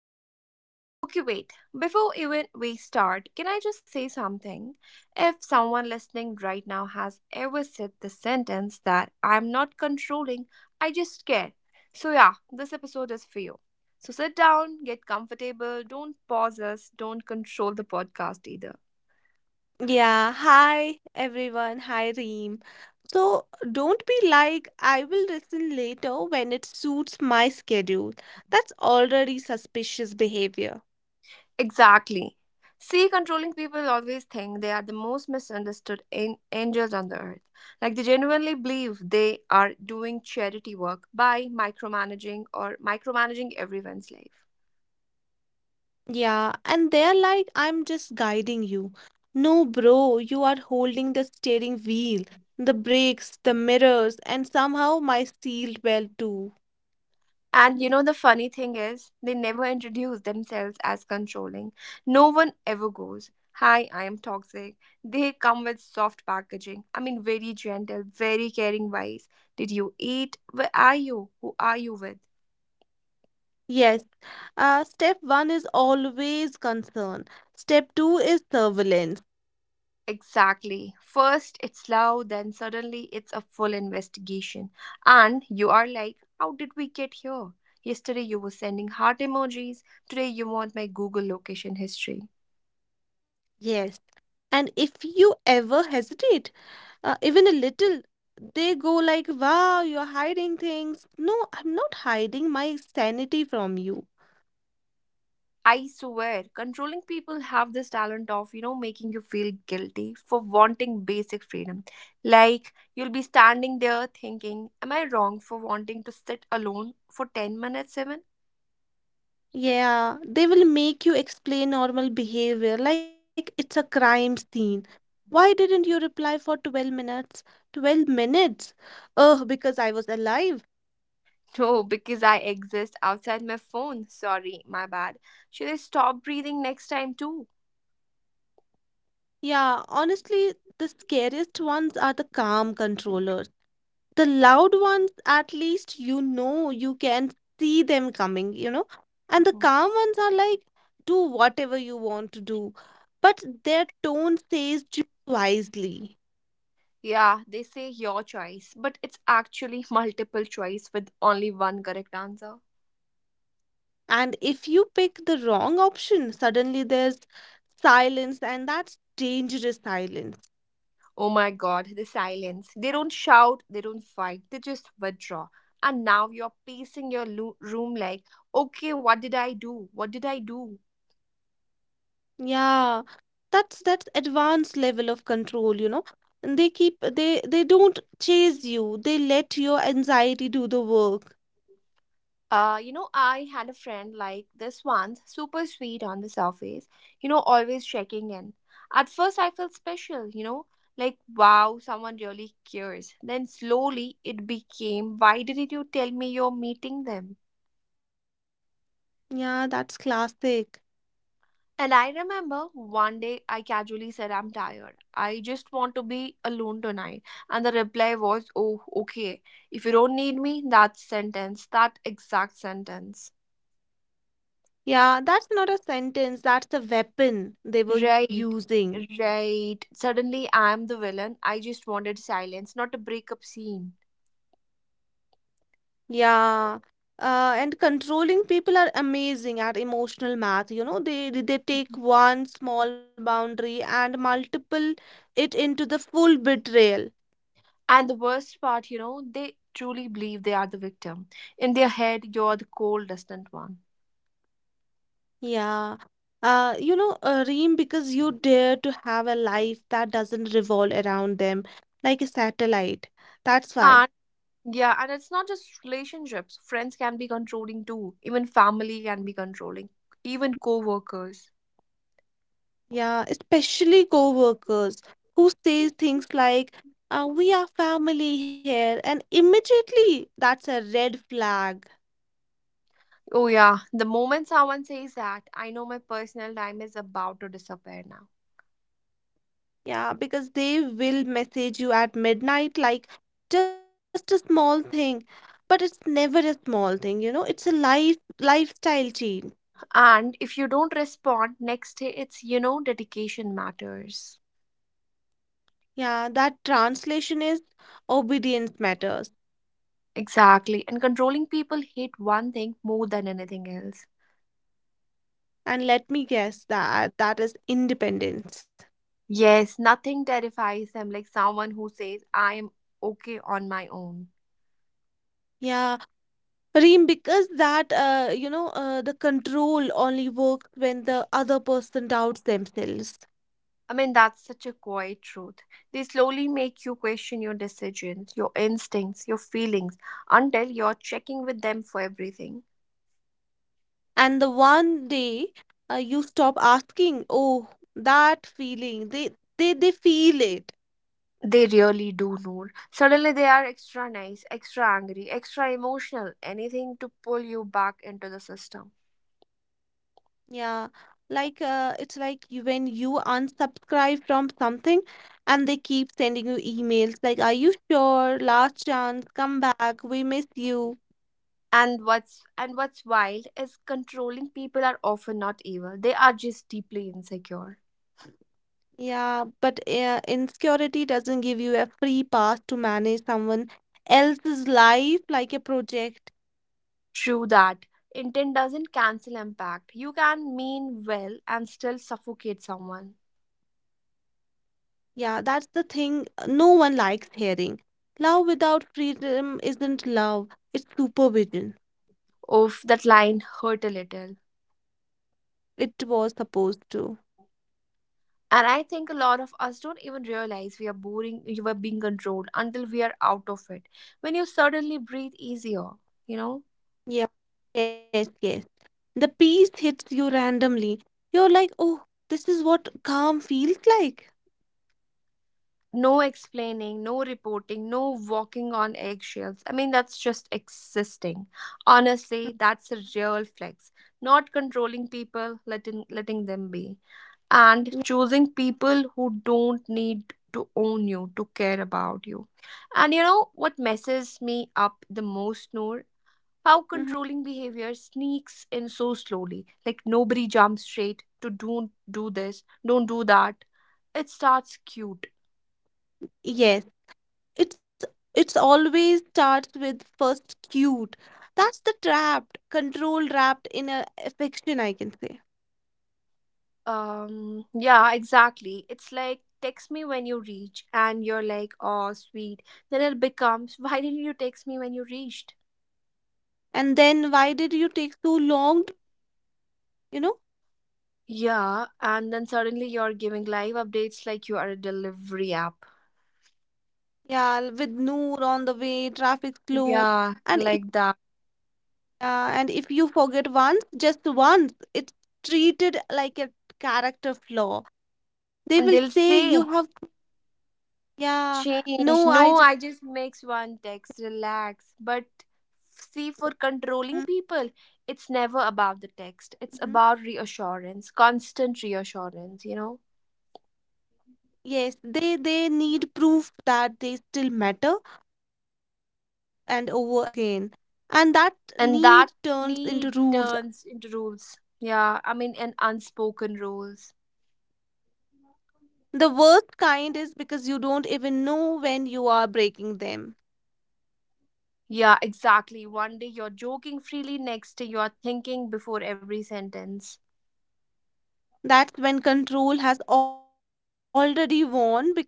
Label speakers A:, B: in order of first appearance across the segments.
A: Noor. Okay, wait. Before even we start, can I just say something? If someone listening right now has ever said the sentence that I'm not controlling, I just care. So yeah, this episode is for you. So sit down, get comfortable, don't pause us, don't control the podcast either.
B: Yeah, hi everyone. Hi Reem. So don't be like, I will listen later when it suits my schedule. That's already suspicious behavior.
A: Exactly. See, controlling people always think they are the most misunderstood angels on the earth. Like they genuinely believe they are doing charity work by micromanaging everyone's life.
B: Yeah, and they're like, I'm just guiding you. No, bro, you are holding the steering wheel, the brakes, the mirrors, and somehow my seat belt too.
A: And the funny thing is, they never introduce themselves as controlling. No one ever goes, hi, I am toxic. They come with soft packaging. I mean, very gentle, very caring wise. Did you eat? Where are you? Who are you with?
B: Yes, step one is always concern. Step two is surveillance.
A: Exactly. First, it's slow, then, suddenly, it's a full investigation. And you are like, how did we get here? Yesterday, you were sending heart emojis. Today, you want my Google location history.
B: Yes. And if you ever hesitate, even a little, they go like, wow, you're hiding things. No, I'm not hiding my sanity from you.
A: I swear, controlling people have this talent of, making you feel guilty for wanting basic freedom. Like, you'll be standing there thinking, am I wrong for wanting to sit alone for 10 minutes, even?
B: Yeah, they will make you explain normal behavior like it's a crime scene. Why didn't you reply for 12 minutes? 12 minutes? Oh, because I was alive.
A: Oh, because I exist outside my phone. Sorry, my bad. Should I stop breathing next time too?
B: Yeah, honestly, the scariest ones are the calm controllers. The loud ones, at least you know, you can see them coming. And the
A: Mhm.
B: calm ones are like, do whatever you want to do, but their tone says choose wisely.
A: Yeah, they say your choice, but it's actually multiple choice with only one correct answer.
B: And if you pick the wrong option, suddenly there's silence, and that's dangerous silence.
A: Oh my god, the silence. They don't shout, they don't fight, they just withdraw. And now you're pacing your room like, okay, what did I do? What did I do?
B: Yeah, that's advanced level of control, you know. And they don't chase you, they let your anxiety do the work.
A: I had a friend like this once, super sweet on the surface, always checking in. At first, I felt special, like, wow, someone really cares. Then slowly it became, why didn't you tell me you're meeting them?
B: Yeah, that's classic.
A: And I remember one day I casually said, I'm tired. I just want to be alone tonight. And the reply was, oh, okay. If you don't need me, that sentence, that exact sentence.
B: Yeah, that's not a sentence, that's a weapon they were
A: Right,
B: using.
A: right. Suddenly I'm the villain. I just wanted silence, not a breakup scene.
B: Yeah. And controlling people are amazing at emotional math. You know, they
A: Mhm.
B: take one small boundary and multiple it into the full betrayal.
A: And the worst part, you know, they truly believe they are the victim. In their head, you're the cold, distant one.
B: Yeah. You know, Reem, because you dare to have a life that doesn't revolve around them like a satellite. That's why.
A: Yeah, and it's not just relationships. Friends can be controlling too. Even family can be controlling. Even co-workers.
B: Yeah, especially co-workers who say things like, we are family here, and immediately that's a red flag.
A: Oh yeah, the moment someone says that, I know my personal time is about to disappear now.
B: Yeah, because they will message you at midnight like, just a small thing, but it's never a small thing, you know, it's a lifestyle change.
A: And if you don't respond next day, it's dedication matters.
B: Yeah, that translation is obedience matters.
A: Exactly. And controlling people hate one thing more than anything else.
B: And let me guess, that that is independence.
A: Yes, nothing terrifies them like someone who says I am okay on my own.
B: Yeah, Reem, because that you know the control only works when the other person doubts themselves,
A: I mean, that's such a quiet truth. They slowly make you question your decisions, your instincts, your feelings, until you're checking with them for everything.
B: and the one day, you stop asking, oh, that feeling, they feel it,
A: They really do, Noor. Suddenly they are extra nice, extra angry, extra emotional, anything to pull you back into the system.
B: yeah, like, it's like you, when you unsubscribe from something, and they keep sending you emails like, are you sure? Last chance, come back, we miss you.
A: And what's wild is controlling people are often not evil. They are just deeply insecure.
B: Yeah, but insecurity doesn't give you a free pass to manage someone else's life like a project.
A: True that. Intent doesn't cancel impact. You can mean well and still suffocate someone.
B: Yeah, that's the thing, no one likes hearing. Love without freedom isn't love, it's supervision.
A: Of that line hurt a little.
B: It was supposed to.
A: And I think a lot of us don't even realize we are boring you are being controlled until we are out of it. When you suddenly breathe easier, you know?
B: Yeah, yes, yes. The peace hits you randomly. You're like, oh, this is what calm feels like.
A: No explaining, no reporting, no walking on eggshells. I mean that's just existing. Honestly, that's a real flex. Not controlling people, letting them be. And
B: Yeah.
A: choosing people who don't need to own you to care about you. And you know what messes me up the most, Noor? How controlling
B: Hmm.
A: behavior sneaks in so slowly. Like nobody jumps straight to don't do this, don't do that. It starts cute.
B: Yes. it's it's always starts with first cute. That's the trapped control wrapped in a affection, I can say.
A: Yeah, exactly. It's like text me when you reach, and you're like, oh, sweet. Then it becomes, why didn't you text me when you reached?
B: And then, why did you take so long to, you know
A: Yeah, and then suddenly you're giving live updates like you are a delivery app.
B: yeah, with Noor on the way, traffic slow.
A: Yeah,
B: and if
A: like that.
B: yeah, and if you forget once, just once, it's treated like a character flaw. They
A: And
B: will
A: they'll
B: say
A: say,
B: you have... Yeah,
A: change.
B: no,
A: No,
B: I
A: I
B: just...
A: just makes one text, relax. But see, for controlling
B: mm,
A: people, it's never about the
B: mm-hmm.
A: text. It's about reassurance, constant reassurance, you know?
B: Yes, they need proof that they still matter over and over again. And that
A: And
B: need
A: that
B: turns into
A: need
B: rules.
A: turns into rules. Yeah, I mean, and unspoken rules.
B: The worst kind is because you don't even know when you are breaking them.
A: Yeah, exactly. One day you're joking freely, next day you're thinking before every sentence.
B: That's when control has already won because now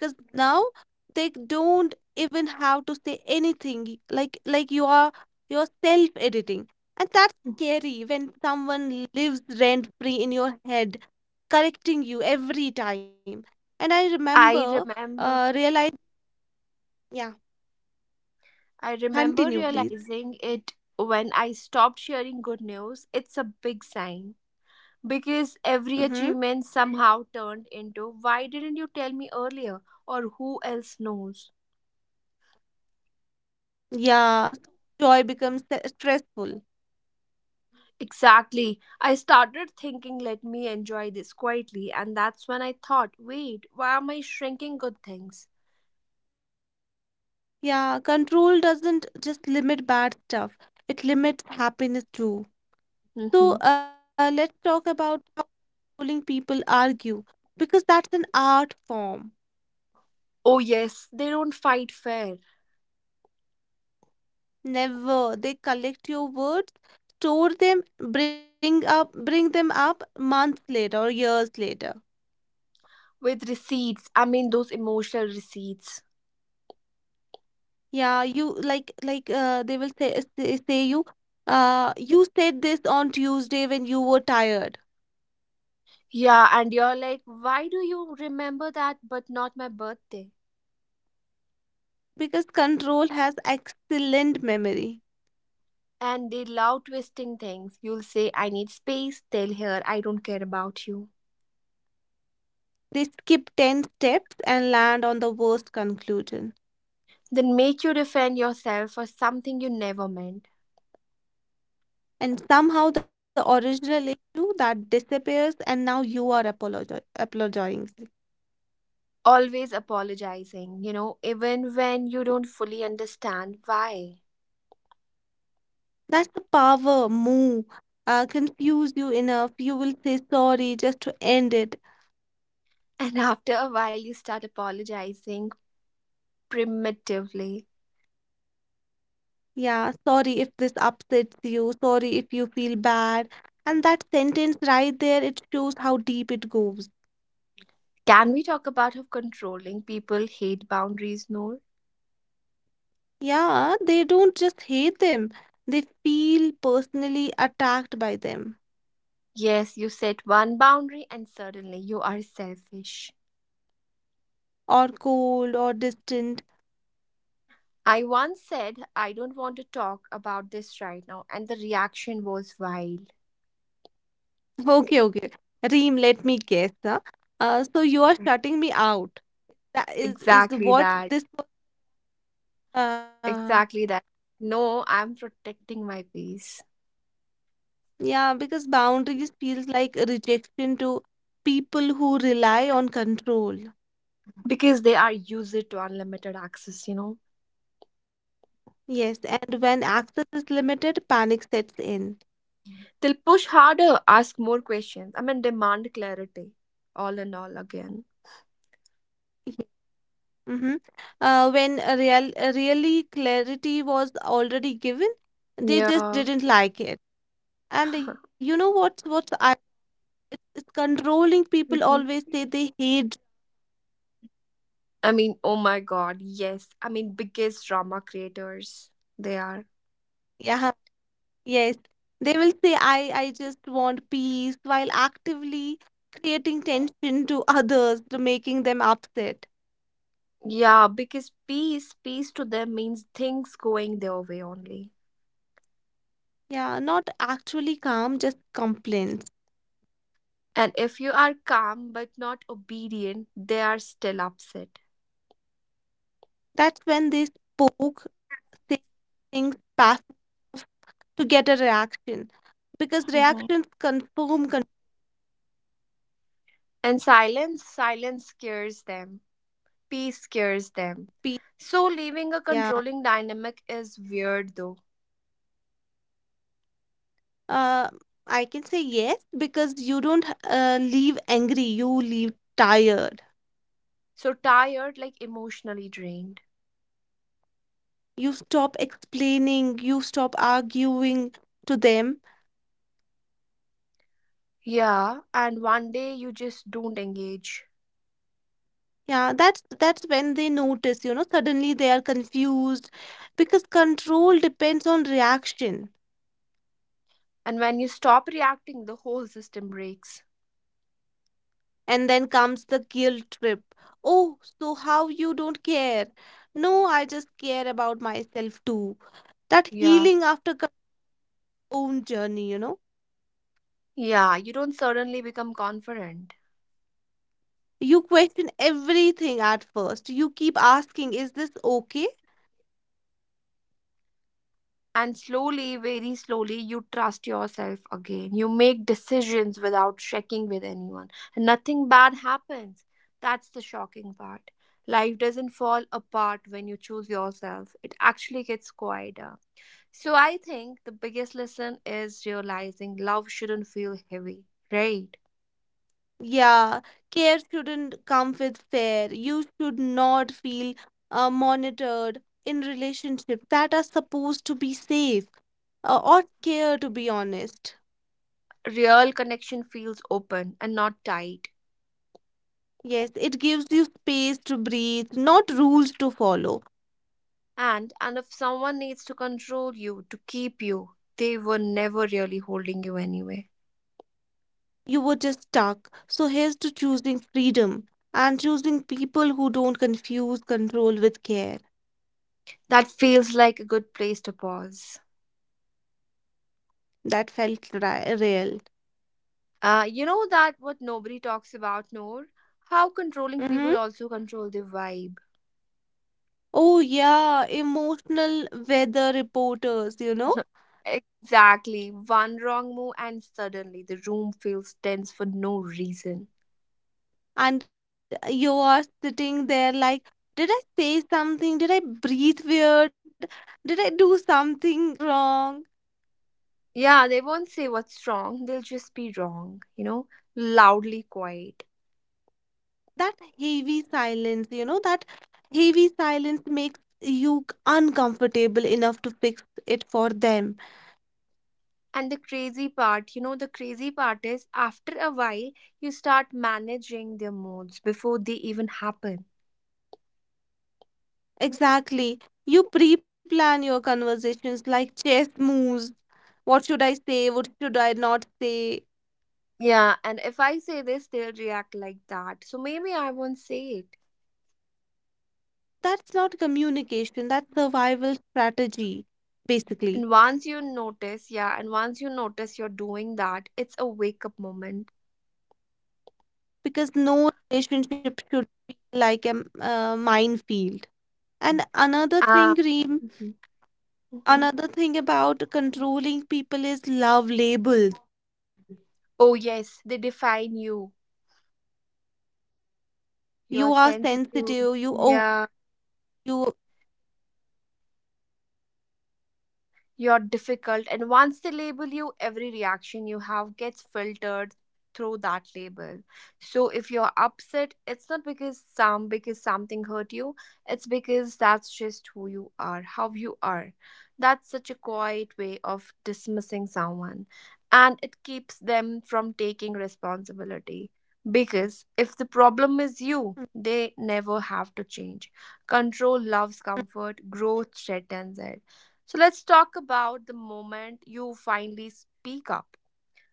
B: they don't even have to say anything. Like, you're self-editing. And that's scary when someone lives rent-free in your head. Correcting you every time. And I
A: I
B: remember,
A: remember.
B: realize, yeah,
A: I remember
B: continue, please.
A: realizing it when I stopped sharing good news. It's a big sign because every achievement
B: Mm-hmm.
A: somehow turned into why didn't you tell me earlier or who else knows?
B: Yeah, so joy becomes stressful.
A: Exactly. I started thinking, let me enjoy this quietly, and that's when I thought, wait, why am I shrinking good things?
B: Yeah, control doesn't just limit bad stuff, it limits happiness too.
A: Hmm.
B: So, let's talk about how controlling people argue because that's an art form.
A: Oh, yes, they don't fight fair
B: Never. They collect your words, store them, bring them up months later or years later.
A: with receipts. I mean, those emotional receipts.
B: Yeah, you like they will say, you said this on Tuesday when you were tired,
A: Yeah, and you're like, why do you remember that but not my birthday?
B: because control has excellent memory.
A: And they love twisting things. You'll say, I need space, they'll hear, I don't care about you.
B: They skip 10 steps and land on the worst conclusion.
A: Then make you defend yourself for something you never meant.
B: And somehow the original issue that disappears, and now you are apologizing.
A: Always apologizing, even when you don't fully understand why.
B: That's the power move. Confuse you enough, you will say sorry just to end it.
A: And after a while, you start apologizing primitively.
B: Yeah, sorry if this upsets you, sorry if you feel bad. And that sentence right there, it shows how deep it goes.
A: Can we talk about how controlling people hate boundaries, Noor?
B: Yeah, they don't just hate them, they feel personally attacked by them,
A: Yes, you set one boundary and suddenly you are selfish.
B: or cold, or distant.
A: I once said, I don't want to talk about this right now, and the reaction was wild.
B: Okay, okay, Reem, let me guess. Huh? So you are shutting me out. That is
A: Exactly
B: what
A: that.
B: this was. Uh,
A: Exactly that. No, I'm protecting my peace.
B: yeah, because boundaries feels like rejection to people who rely on control.
A: Because they are used to unlimited access, you know.
B: Yes, and when access is limited, panic sets in.
A: They'll push harder, ask more questions, I mean, demand clarity all and all again.
B: Mm-hmm. When a really clarity was already given, they just
A: Yeah.
B: didn't like it. And you know what's I is controlling people
A: Mhm.
B: always say they hate.
A: I mean, oh my god, yes. I mean, biggest drama creators they are.
B: Yeah, yes, they will say, I just want peace while actively creating tension to others, to making them upset.
A: Yeah, because peace to them means things going their way only.
B: Yeah, not actually calm, just complaints.
A: And if you are calm but not obedient, they are still upset.
B: That's when they spoke, say things passive to get a reaction because
A: Mhm.
B: reactions confirm
A: And silence scares them. Peace scares them.
B: compete.
A: So leaving a
B: Yeah,
A: controlling dynamic is weird though.
B: uh, I can say yes, because you don't leave angry, you leave tired.
A: So tired, like emotionally drained.
B: You stop explaining, you stop arguing to them.
A: Yeah, and one day you just don't engage.
B: Yeah, that's when they notice, you know, suddenly they are confused because control depends on reaction.
A: And when you stop reacting, the whole system breaks.
B: And then comes the guilt trip. Oh, so how you don't care? No, I just care about myself too. That
A: Yeah.
B: healing after your own journey, you know?
A: Yeah, you don't suddenly become confident.
B: You question everything at first. You keep asking, is this okay?
A: And slowly, very slowly, you trust yourself again. You make decisions without checking with anyone. And nothing bad happens. That's the shocking part. Life doesn't fall apart when you choose yourself, it actually gets quieter. So I think the biggest lesson is realizing love shouldn't feel heavy, right?
B: Yeah, care shouldn't come with fear. You should not feel monitored in relationships that are supposed to be safe, or care, to be honest.
A: Real connection feels open and not tight.
B: Yes, it gives you space to breathe, not rules to follow.
A: And if someone needs to control you to keep you, they were never really holding you anyway.
B: You were just stuck. So here's to choosing freedom and choosing people who don't confuse control with care.
A: That feels like a good place to pause.
B: That felt real.
A: You know that what nobody talks about, Noor? How controlling
B: Hmm.
A: people also control the vibe.
B: Oh, yeah, emotional weather reporters, you know?
A: Exactly. One wrong move, and suddenly the room feels tense for no reason.
B: And you are sitting there like, did I say something? Did I breathe weird? Did I do something wrong?
A: Yeah, they won't say what's wrong, they'll just be wrong, loudly quiet.
B: That heavy silence, you know, that heavy silence makes you uncomfortable enough to fix it for them.
A: And the crazy part, the crazy part is after a while, you start managing their moods before they even happen.
B: Exactly. You pre-plan your conversations like chess moves. What should I say? What should I not say?
A: Yeah, and if I say this, they'll react like that. So maybe I won't say it.
B: That's not communication, that's survival strategy,
A: And
B: basically.
A: once you notice, yeah, and once you notice you're doing that, it's a wake up moment.
B: Because no relationship should be like a minefield. And another thing,
A: Ah.
B: Reem.
A: Mhm, mhm.
B: Another thing about controlling people is love labels.
A: Oh, yes, they define you. You're
B: You are
A: sensitive.
B: sensitive, you oh
A: Yeah.
B: you
A: You're difficult, and once they label you, every reaction you have gets filtered through that label. So if you're upset, it's not because something hurt you. It's because that's just who you are, how you are. That's such a quiet way of dismissing someone, and it keeps them from taking responsibility. Because if the problem is you,
B: Mm-hmm,
A: they never have to change. Control loves comfort, growth threatens it. So let's talk about the moment you finally speak up.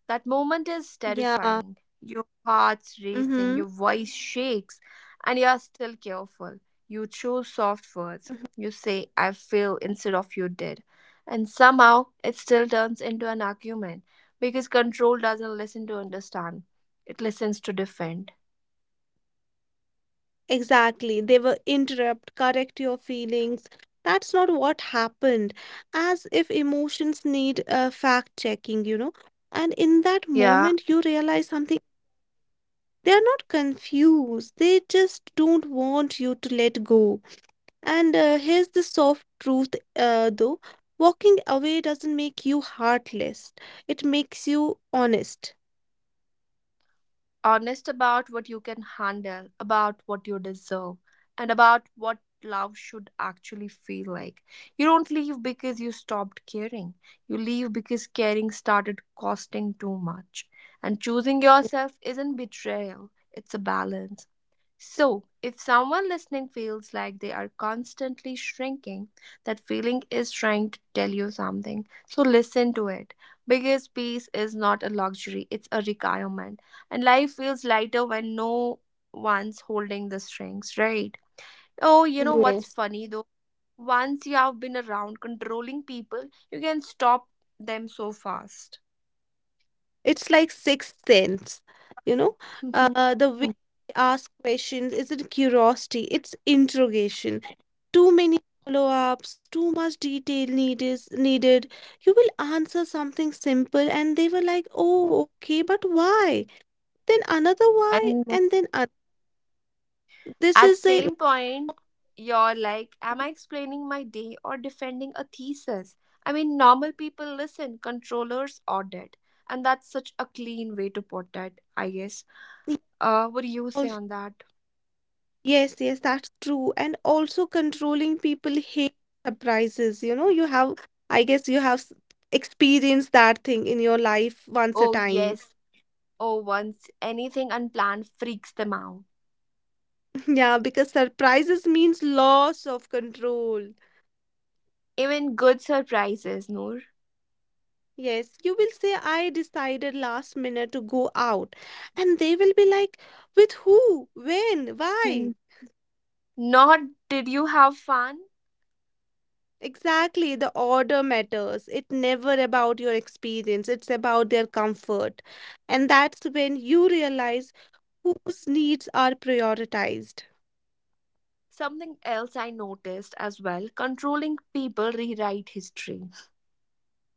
A: That moment is
B: yeah.
A: terrifying. Your heart's racing,
B: Mm-hmm.
A: your voice shakes, and you are still careful. You choose soft words.
B: Mm-hmm.
A: You say, I feel instead of you did. And somehow it still turns into an argument because control doesn't listen to understand, it listens to defend.
B: Exactly. They will interrupt, correct your feelings. That's not what happened. As if emotions need fact checking, you know. And in that
A: Yeah,
B: moment, you realize something. They are not confused. They just don't want you to let go. And here's the soft truth, though walking away doesn't make you heartless, it makes you honest.
A: honest about what you can handle, about what you deserve, and about what love should actually feel like. You don't leave because you stopped caring. You leave because caring started costing too much. And choosing yourself isn't betrayal, it's a balance. So, if someone listening feels like they are constantly shrinking, that feeling is trying to tell you something. So, listen to it. Because peace is not a luxury, it's a requirement. And life feels lighter when no one's holding the strings, right? Oh, you know what's
B: Yes.
A: funny though? Once you have been around controlling people, you can stop them so fast.
B: It's like sixth sense, you know. The way they ask questions isn't curiosity, it's interrogation. Too many follow-ups, too much detail need is needed. You will answer something simple, and they were like, "Oh, okay, but why?" Then another why,
A: And
B: and then this
A: at
B: is a
A: same point, you're like, am I explaining my day or defending a thesis? I mean, normal people listen, controllers audit, and that's such a clean way to put it, I guess. What do you say
B: like,
A: on that?
B: yes, yes, that's true. And also controlling people hate surprises. You know, you have, I guess you have experienced that thing in your life once a
A: Oh
B: time.
A: yes. Oh, once anything unplanned freaks them out.
B: Yeah, because surprises means loss of control.
A: Even good surprises, Noor.
B: Yes, you will say, I decided last minute to go out. And they will be like, with who? When?
A: Hmm.
B: Why?
A: Not did you have fun?
B: Exactly, the order matters. It's never about your experience, it's about their comfort. And that's when you realize whose needs are prioritized.
A: Something else I noticed as well, controlling people rewrite history.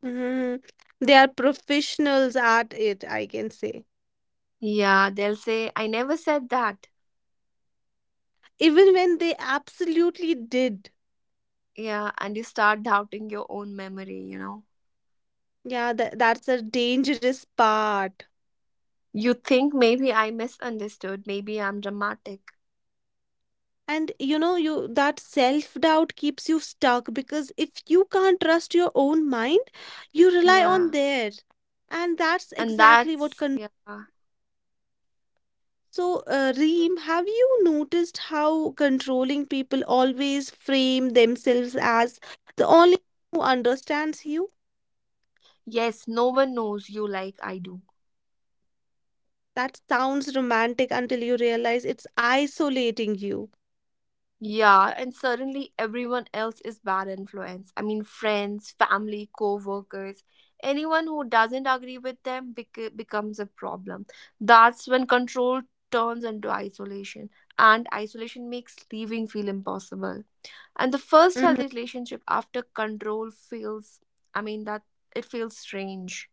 B: Mhm. They are professionals at it, I can say.
A: Yeah, they'll say, I never said that.
B: Even when they absolutely did.
A: Yeah, and you start doubting your own memory,
B: Yeah, that's a dangerous part.
A: You think maybe I misunderstood, maybe I'm dramatic.
B: And you know, you that self-doubt keeps you stuck because if you can't trust your own mind, you rely on
A: Yeah,
B: theirs. And that's
A: and
B: exactly what...
A: that's, yeah.
B: So, Reem, have you noticed how controlling people always frame themselves as the only one who understands you?
A: Yes, no one knows you like I do.
B: That sounds romantic until you realize it's isolating you.
A: Yeah, and suddenly everyone else is bad influence. I mean, friends, family, co-workers, anyone who doesn't agree with them becomes a problem. That's when control turns into isolation, and isolation makes leaving feel impossible. And the first
B: Hmm.
A: healthy relationship after control feels, I mean, that it feels strange.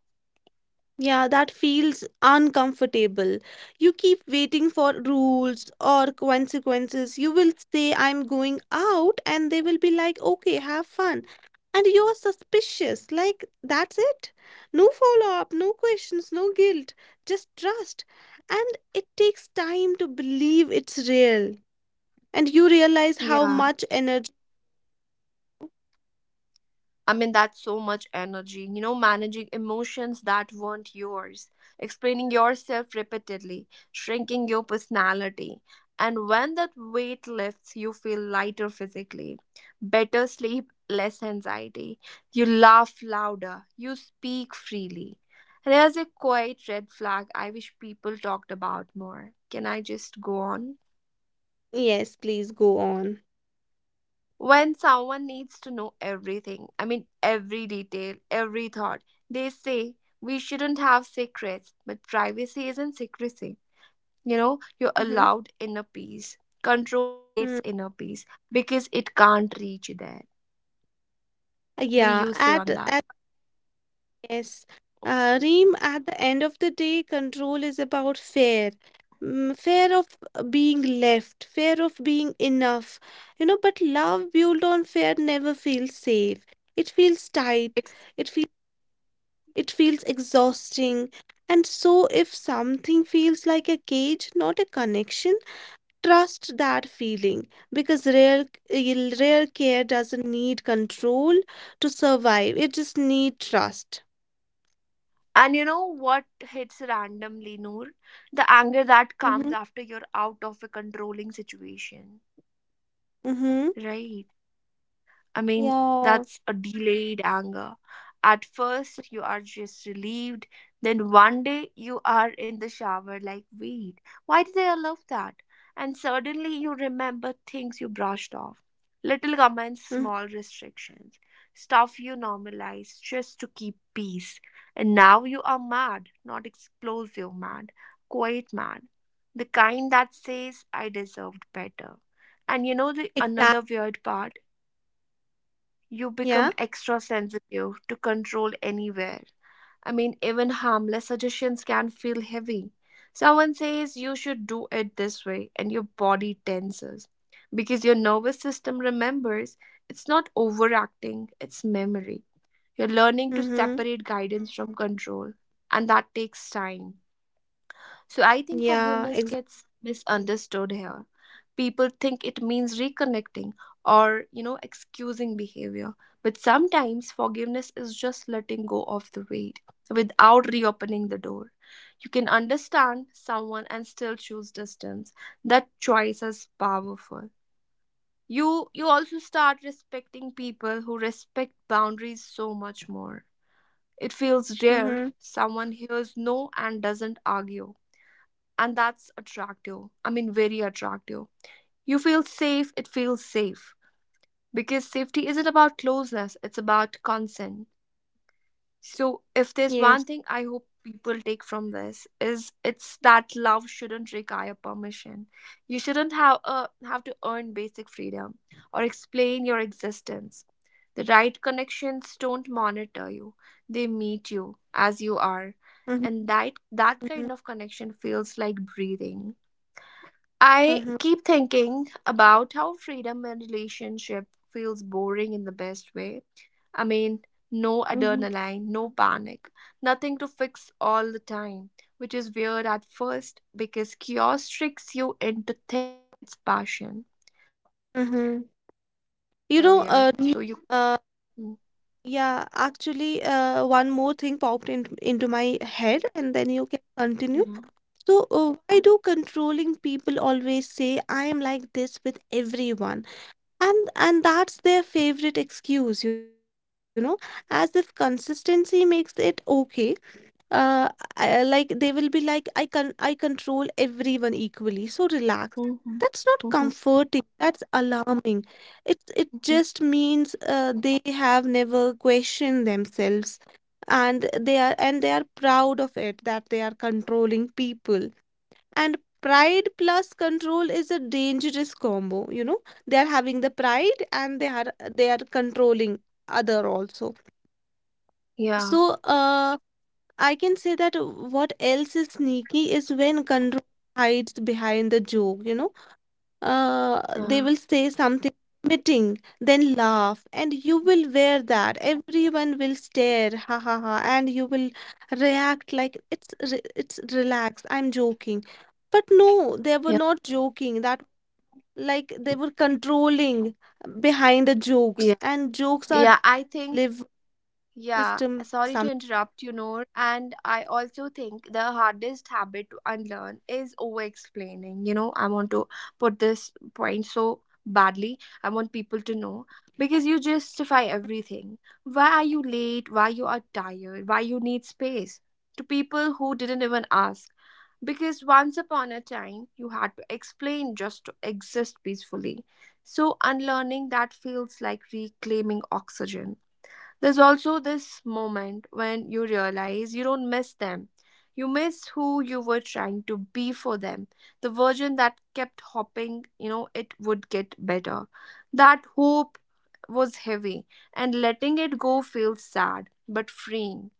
B: Yeah, that feels uncomfortable. You keep waiting for rules or consequences. You will say, I'm going out, and they will be like, okay, have fun. And you're suspicious. Like, that's it. No follow up, no questions, no guilt, just trust. And it takes time to believe it's real. And you realize how
A: Yeah.
B: much...
A: I mean, that's so much energy, managing emotions that weren't yours, explaining yourself repeatedly, shrinking your personality. And when that weight lifts, you feel lighter physically, better sleep, less anxiety. You laugh louder, you speak freely. There's a quiet red flag I wish people talked about more. Can I just go on?
B: Yes, please go on.
A: When someone needs to know everything, I mean, every detail, every thought, they say we shouldn't have secrets, but privacy isn't secrecy. You know you're
B: Hmm.
A: allowed inner peace. Control hates inner peace because it can't reach you there. What do
B: Yeah,
A: you say
B: at
A: on that?
B: Yes, Reem, at the end of the day, control is about fear. Mm, fear of being left, fear of being enough. You know, but love built on fear never feels safe. It feels tight,
A: It's.
B: it feels it feels exhausting. And so if something feels like a cage, not a connection, trust that feeling because real care doesn't need control to survive. It just need trust.
A: And you know what hits randomly, Noor? The anger that
B: Mm-hmm.
A: comes after you're out of a controlling situation.
B: Mm-hmm.
A: Right. I mean,
B: Yeah.
A: that's a delayed anger. At first, you are just relieved. Then one day, you are in the shower, like, wait, why did I allow that? And suddenly, you remember things you brushed off. Little comments,
B: Mm.
A: small restrictions, stuff you normalize just to keep peace. And now you are mad, not explosive mad, quiet mad. The kind that says, I deserved better. And you know the
B: Exact.
A: another weird part? You
B: Yeah.
A: become extra sensitive to control anywhere. I mean, even harmless suggestions can feel heavy. Someone says you should do it this way, and your body tenses because your nervous system remembers it's not overacting, it's memory. You're learning to
B: Mm-hmm.
A: separate guidance from control, and that takes time. So I
B: Yeah.
A: think
B: Exact.
A: forgiveness gets misunderstood here. People think it means reconnecting or, you know, excusing behavior. But sometimes forgiveness is just letting go of the weight without reopening the door. You can understand someone and still choose distance. That choice is powerful. You also start respecting people who respect boundaries so much more. It feels
B: Mm-hmm.
A: rare someone hears no and doesn't argue, and that's attractive. I mean, very attractive. You feel safe, it feels safe. Because safety isn't about closeness, it's about consent. So, if there's
B: Yes.
A: one thing I hope people take from this is it's that love shouldn't require permission. You shouldn't have to earn basic freedom or explain your existence. The right connections don't monitor you. They meet you as you are.
B: Mm-hmm.
A: And that
B: Mm-hmm.
A: kind of connection feels like breathing. I
B: Mm-hmm.
A: keep thinking about how freedom in relationship feels boring in the best way. I mean,
B: Mm-hmm.
A: no adrenaline, no panic, nothing to fix all the time, which is weird at first because chaos tricks you into thinking it's passion. I mean,
B: Mm-hmm.
A: calm feels
B: You know,
A: unfamiliar, so you.
B: uh,
A: Mm,
B: yeah, actually, one more thing popped into my head, and then you can continue.
A: yeah.
B: So, why do controlling people always say, I am like this with everyone? And that's their favorite excuse, you know, as if consistency makes it okay. uh, like they will be like, I control everyone equally, so relax.
A: Mhm,
B: That's not
A: mhm,
B: comforting, that's alarming. It just
A: mhm.
B: means, they have never questioned themselves, and they are proud of it that they are controlling people. And pride plus control is a dangerous combo, you know. They are having the pride, and they are controlling other also.
A: Yeah.
B: So, I can say that what else is sneaky is when control hides behind the joke, you know. They
A: Yeah.
B: will say something meeting, then laugh, and you will wear that. Everyone will stare, ha ha ha, and you will react like it's relaxed. I'm joking. But no, they were
A: Yeah.
B: not joking. That, like, they were controlling behind the jokes,
A: Yeah.
B: and jokes are
A: Yeah. I think,
B: live
A: yeah,
B: system.
A: sorry to
B: Some...
A: interrupt you, Noor. And I also think the hardest habit to unlearn is over explaining. You know, I want to put this point so badly. I want people to know, because you justify everything. Why are you late? Why you are tired? Why you need space? To people who didn't even ask. Because once upon a time, you had to explain just to exist peacefully. So unlearning that feels like reclaiming oxygen. There's also this moment when you realize you don't miss them. You miss who you were trying to be for them. The version that kept hopping, you know, it would get better. That hope was heavy, and letting it go feels sad but freeing.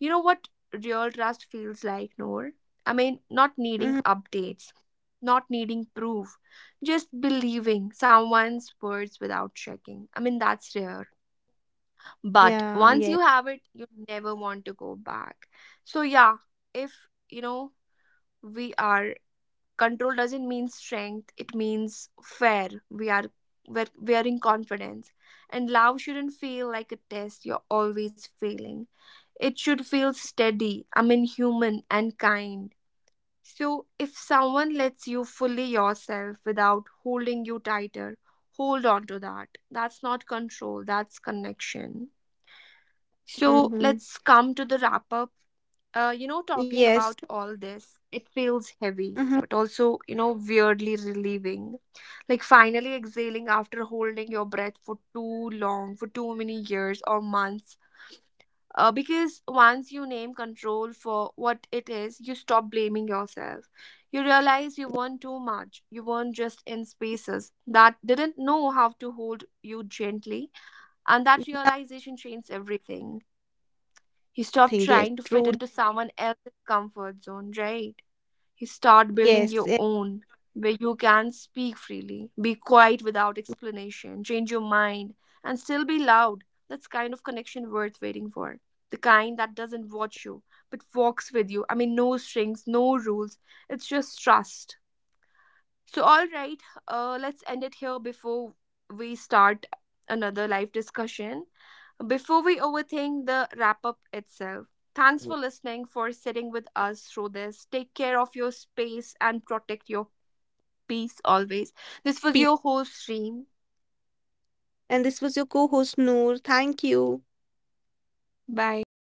A: You know what real trust feels like, Noor? I mean, not needing
B: Mhm.
A: updates, not needing proof, just believing someone's words without checking. I mean, that's rare, but
B: Yeah,
A: once you
B: yeah.
A: have it you never want to go back. So yeah, if you know we are control doesn't mean strength, it means fair we are we're wearing confidence, and love shouldn't feel like a test you're always failing. It should feel steady, I mean, human and kind. So if someone lets you fully yourself without holding you tighter, hold on to that. That's not control, that's connection. So
B: Hmm.
A: let's come to the wrap up. You know, talking
B: Yes.
A: about all this, it feels heavy,
B: Uh huh.
A: but also, you know, weirdly relieving. Like finally exhaling after holding your breath for too long, for too many years or months. Because once you name control for what it is, you stop blaming yourself. You realize you weren't too much. You weren't just in spaces that didn't know how to hold you gently. And that
B: Yeah,
A: realization changes everything. You
B: I
A: stop
B: think yes,
A: trying to fit
B: true.
A: into someone else's comfort zone, right? You start building
B: Yes,
A: your
B: yes.
A: own, where you can speak freely, be quiet without explanation, change your mind, and still be loud. That's kind of connection worth waiting for. The kind that doesn't watch you, but walks with you. I mean, no strings, no rules. It's just trust. So, all right, let's end it here before we start another live discussion. Before we overthink the wrap up itself, thanks for listening, for sitting with us through this. Take care of your space and protect your peace always.
B: Peace.
A: This was your host, Reem.
B: And this was your co-host Noor. Thank you.
A: Bye.